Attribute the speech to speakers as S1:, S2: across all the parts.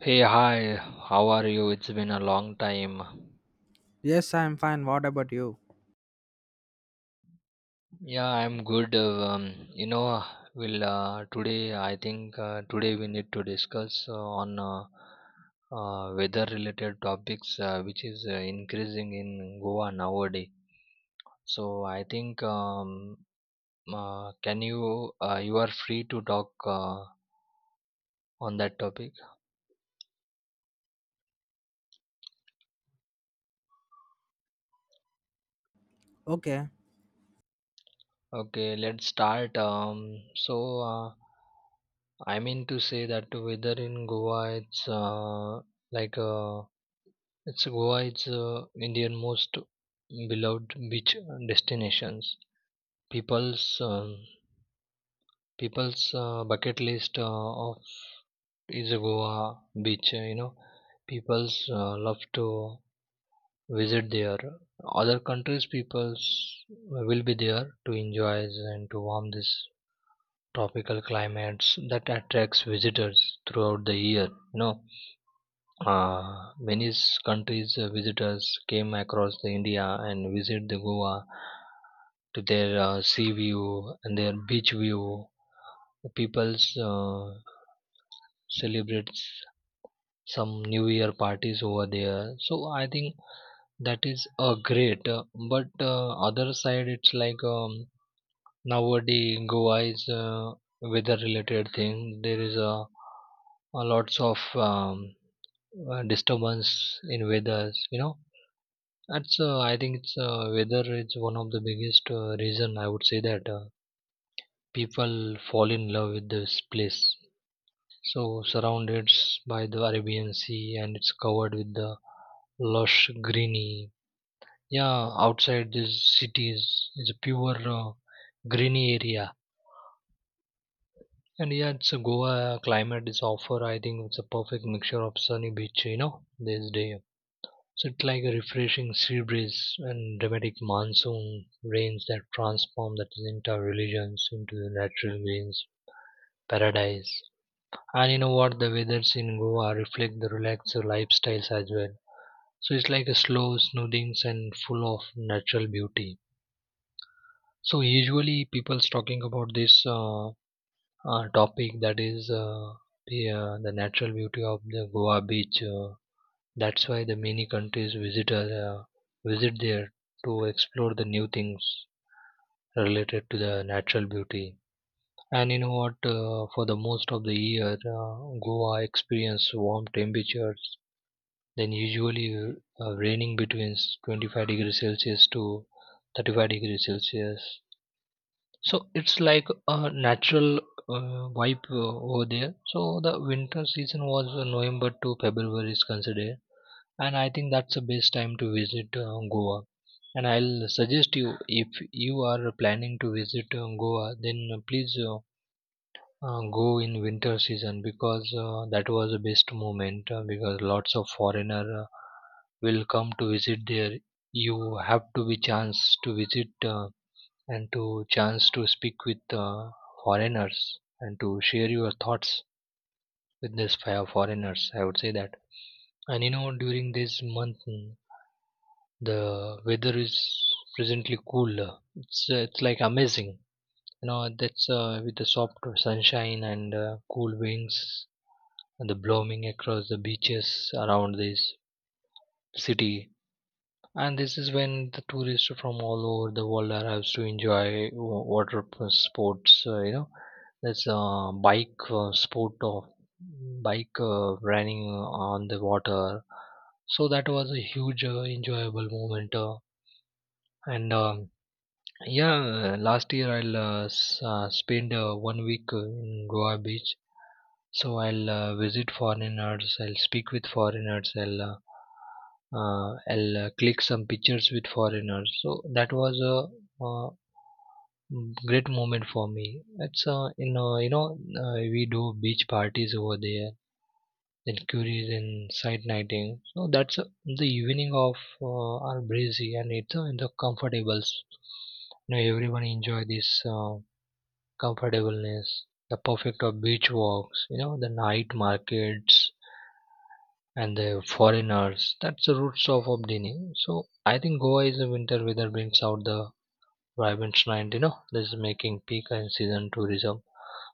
S1: Hey, hi, how are you? It's been a long time.
S2: Yes, I'm fine. What about you?
S1: Yeah, I'm good. You know, we'll today, I think today we need to discuss on weather related topics, which is increasing in Goa nowadays. So, I think, can you, you are free to talk on that topic?
S2: Okay.
S1: Okay, let's start. Uh, I mean to say that weather in Goa, like uh, it's Goa, it's Indian most beloved beach destinations. People's um, people's bucket list of is a Goa beach. You know, people's love to visit there. Other countries peoples will be there to enjoy and to warm this tropical climates that attracts visitors throughout the year. You know, uh, many countries visitors came across the india and visit the goa to their sea view and their beach view. The people's celebrates some new year parties over there. So I think that is a great but other side it's nowadays, Goa is a weather-related thing. There is a lots of disturbance in weathers. You know, that's I think it's weather is one of the biggest reason, I would say, that people fall in love with this place. So surrounded by the Arabian Sea and it's covered with the lush greeny. Yeah, outside these cities is a pure greeny area. And yeah, it's a Goa climate is offer. I think it's a perfect mixture of sunny beach, you know, this day. So it's like a refreshing sea breeze and dramatic monsoon rains that transform that entire religions into the natural means paradise. And you know what? The weathers in Goa reflect the relaxed lifestyles as well. So it's like a slow soothing and full of natural beauty. So usually people's talking about this. Topic that is the natural beauty of the Goa beach. That's why the many countries visitors visit there to explore the new things related to the natural beauty. And you know what? For the most of the year, Goa experience warm temperatures. Then usually raining between 25 degrees Celsius to 35 degrees Celsius, so it's like a natural vibe over there. So the winter season was November to February is considered, and I think that's the best time to visit Goa. And I'll suggest you, if you are planning to visit Goa, then please go in winter season, because that was the best moment, because lots of foreigner will come to visit there. You have to be chance to visit. And to chance to speak with foreigners and to share your thoughts with these five foreigners, I would say that. And you know, during this month, the weather is presently cool. It's like amazing, you know, that's with the soft sunshine and cool winds and the blooming across the beaches around this city. And this is when the tourists from all over the world arrives to enjoy water sports. You know, there's a bike sport of bike running on the water. So that was a huge enjoyable moment. And Yeah, last year I'll spend 1 week in Goa beach, so I'll visit foreigners. I'll speak with foreigners. I'll click some pictures with foreigners. So that was a great moment for me. It's You know, we do beach parties over there. Then curries and side nighting. So that's the evening of are breezy and it's in the comfortables. You know everyone enjoy this comfortableness. The perfect of beach walks. You know the night markets and the foreigners. That's the roots of, obdini. So I think Goa is a winter weather brings out the vibrant and you know, this is making peak and season tourism.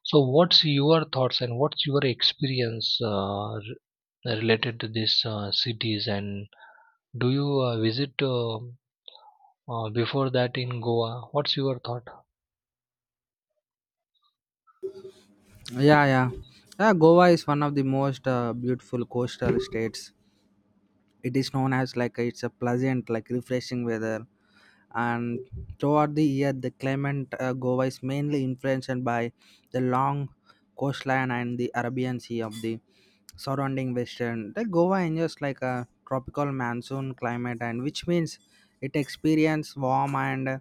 S1: So what's your thoughts and what's your experience, related to these cities, and do you visit, before that, in Goa? What's your thought?
S2: Yeah, yeah. Yeah, Goa is one of the most beautiful coastal states. It is known as like it's a pleasant, like refreshing weather. And throughout the year, the climate Goa is mainly influenced by the long coastline and the Arabian Sea of the surrounding western. The Goa enjoys like a tropical monsoon climate, and which means it experiences warm and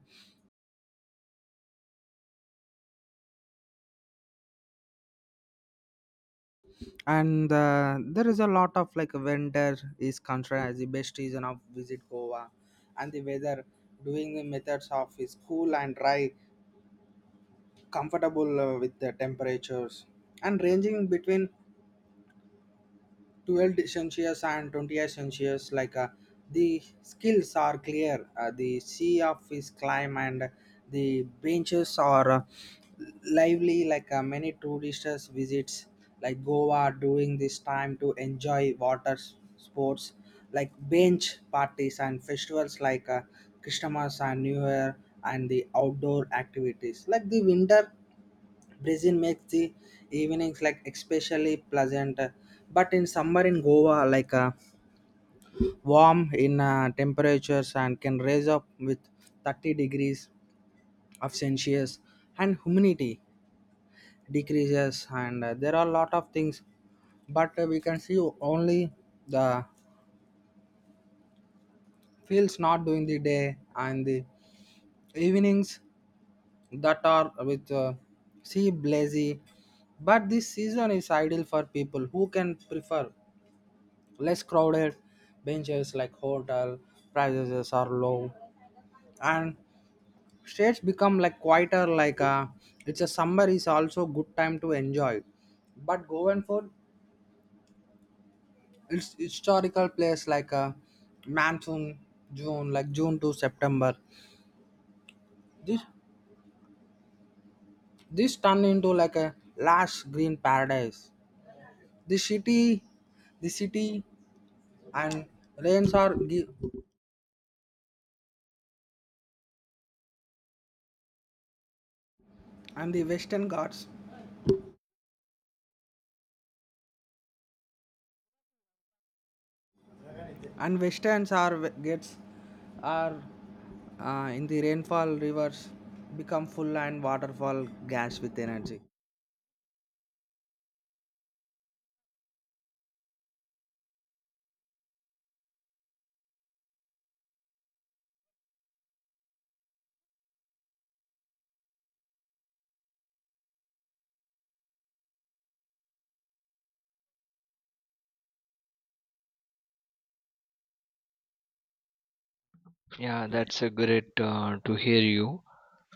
S2: and uh, there is a lot of like winter is considered as the best season of visit goa and the weather doing the methods of is cool and dry comfortable with the temperatures and ranging between 12 Celsius and 28 Celsius. Like the skills are clear, the sea of is climb and the benches are lively. Like many tourists visits like Goa during this time to enjoy water sports like bench parties and festivals like Christmas and New Year and the outdoor activities like the winter Brazil makes the evenings like especially pleasant. But in summer in Goa, like warm in temperatures and can raise up with 30 degrees of Celsius and humidity decreases and there are a lot of things. But we can see only the fields not during the day and the evenings that are with sea blazy. But this season is ideal for people who can prefer less crowded benches like hotel prices are low and states become like quieter like it's a summer is also good time to enjoy but going for it's historical place like a monsoon june like june to september this this turn into like a lush green paradise the city the city and rains are gi- and the western ghats and westerns are gets are in the rainfall rivers become full and waterfall gas with energy.
S1: Yeah, that's a great to hear you.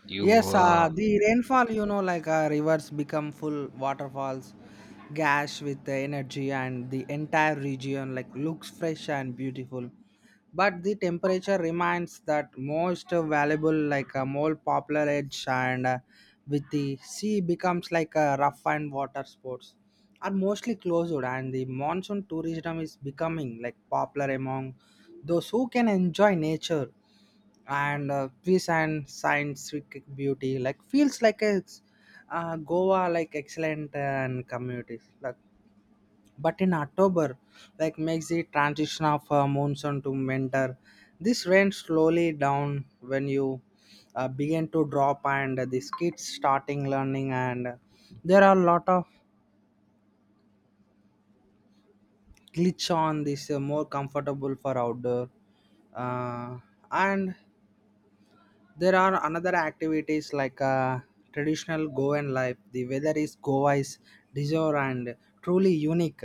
S1: You
S2: Yes,
S1: uh,
S2: the rainfall, you know, like rivers become full waterfalls, gash with the energy, and the entire region like looks fresh and beautiful. But the temperature remains that most valuable, like a more popular edge, and with the sea becomes like a rough and water sports are mostly closed, and the monsoon tourism is becoming like popular among those who can enjoy nature and peace and scientific beauty like feels like a goa like excellent and communities like but in october like makes the transition of monsoon to winter this rain slowly down when you begin to drop and these kids starting learning and there are a lot of glitch on this more comfortable for outdoor uh, and there are another activities like traditional Goan life. The weather is Goa is bizarre and truly unique.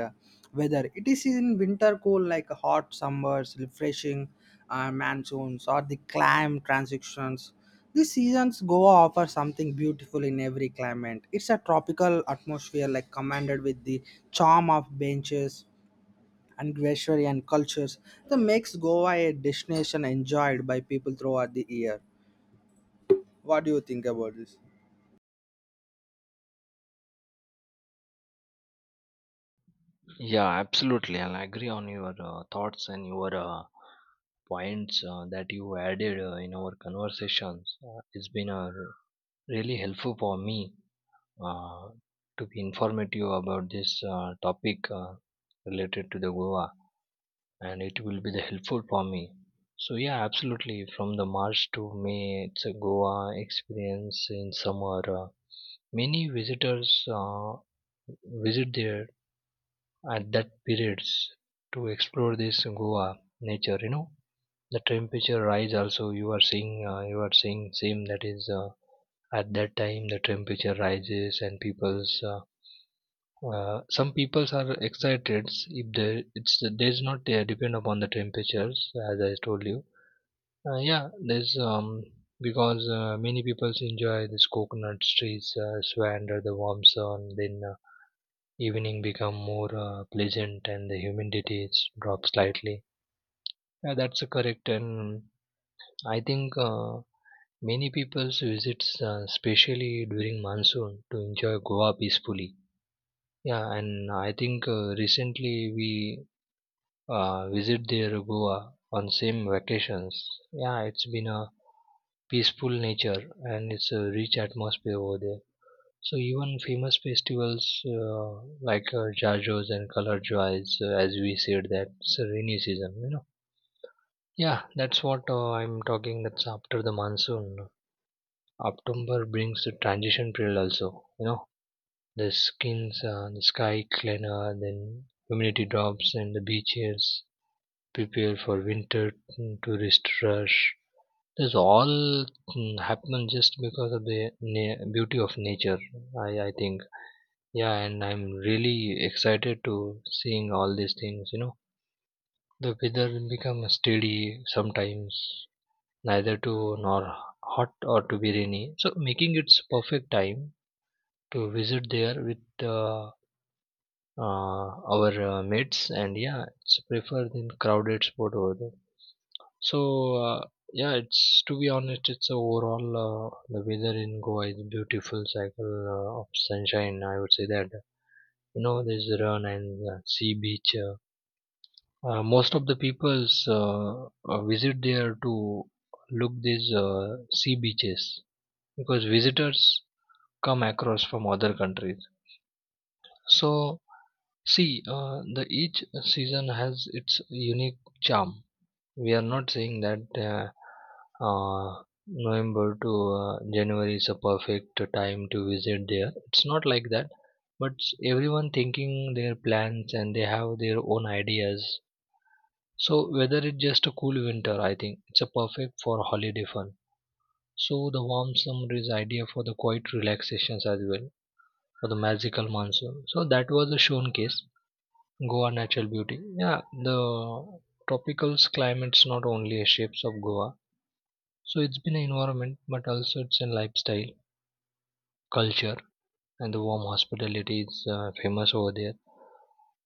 S2: Weather it is in winter cool like hot summers, refreshing monsoons, or the climb transitions. These seasons Goa offers something beautiful in every climate. It's a tropical atmosphere like commanded with the charm of benches and greenery and cultures that makes Goa a destination enjoyed by people throughout the year. What do you think about this?
S1: Yeah, absolutely. I'll agree on your thoughts and your points that you added in our conversations. It's been really helpful for me uh, to be informative about this topic related to the Goa, and it will be the helpful for me. So yeah, absolutely. From the March to May, it's a Goa experience in summer. Many visitors visit there at that periods to explore this Goa nature. You know the temperature rise also. You are seeing same, that is at that time the temperature rises and people's, some peoples are excited if there it's there's not depend upon the temperatures, as I told you. Yeah, there's because many peoples enjoy this coconut trees, sway under the warm sun, then. Evening become more pleasant and the humidity is dropped slightly. Yeah, that's correct, and I think many people visits, especially during monsoon, to enjoy Goa peacefully. Yeah, and I think recently we visit there Goa on same vacations. Yeah, it's been a peaceful nature and it's a rich atmosphere over there. So even famous festivals like Jajos and Color Joys, as we said, that's a rainy season, you know. Yeah, that's what I'm talking. That's after the monsoon. October brings the transition period also, you know. The skins, the sky cleaner, then humidity drops and the beaches prepare for winter tourist rush. This all happens just because of the beauty of nature, I think. Yeah, and I'm really excited to seeing all these things. You know, the weather will become steady sometimes, neither too nor hot or to be rainy. So making it's perfect time to visit there with uh, our mates, and yeah, it's prefer than crowded spot over there. So yeah, it's to be honest, it's overall the weather in Goa is beautiful cycle of sunshine. I would say that you know there's run and sea beach. Most of the peoples visit there to look these sea beaches because visitors come across from other countries. So see, the each season has its unique charm. We are not saying that uh, November to January is a perfect time to visit there. It's not like that. But everyone thinking their plans and they have their own ideas, so weather is just a cool winter, I think. It's a perfect for holiday fun. So the warm summer is ideal for the quiet relaxations as well, for the magical monsoon. So that was a showcase. Goa natural beauty. Yeah, the tropical climate's not only a shapes of Goa. So it's been an environment, but also it's a lifestyle, culture, and the warm hospitality is famous over there.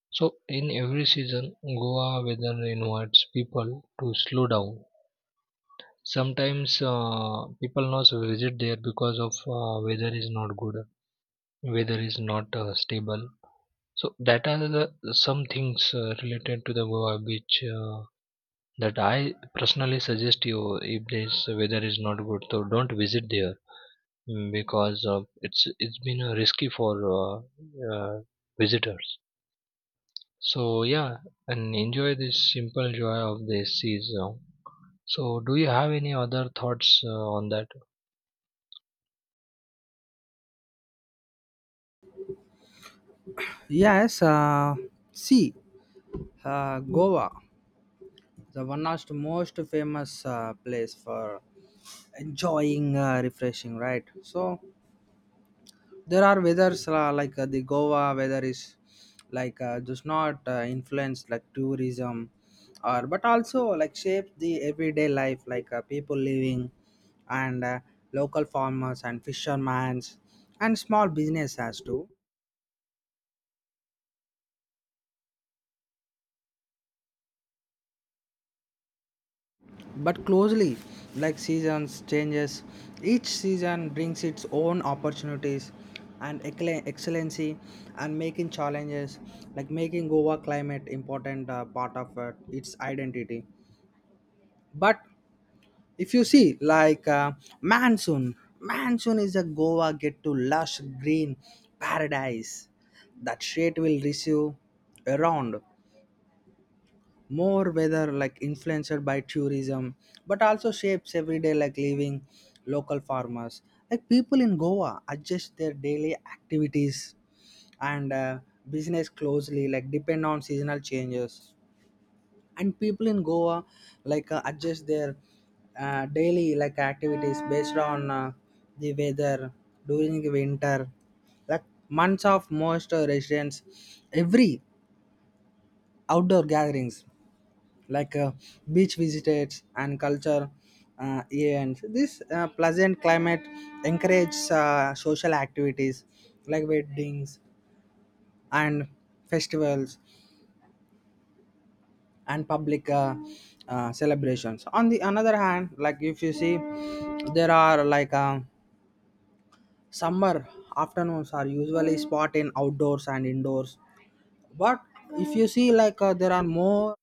S1: So in every season, Goa weather invites people to slow down. Sometimes people also visit there because of weather is not good, weather is not stable. So that are the some things related to the goa beach, that I personally suggest you. If this weather is not good, so don't visit there, because it's been risky for uh, uh, visitors. So yeah, and enjoy this simple joy of the seas. So do you have any other thoughts on that?
S2: Yes, see, Goa, the one of the most famous place for enjoying refreshing, right? So there are weathers like the Goa weather is like does not influence like tourism, or but also like shapes the everyday life like people living and local farmers and fishermen and small business as too but closely like seasons changes each season brings its own opportunities and excellency and making challenges like making goa climate important part of its identity but if you see like monsoon is a goa get to lush green paradise that shade will receive around more whether like influenced by tourism but also shapes everyday like living local farmers like people in goa adjust their daily activities and business closely like depend on seasonal changes and people in goa like adjust their daily like activities based on the weather during winter like months of most residents every outdoor gatherings like beach visitors and culture events. This pleasant climate encourages social activities like weddings and festivals and public celebrations. On the another hand, like if you see, there are like summer afternoons are usually spot in outdoors and indoors. But if you see, like there are more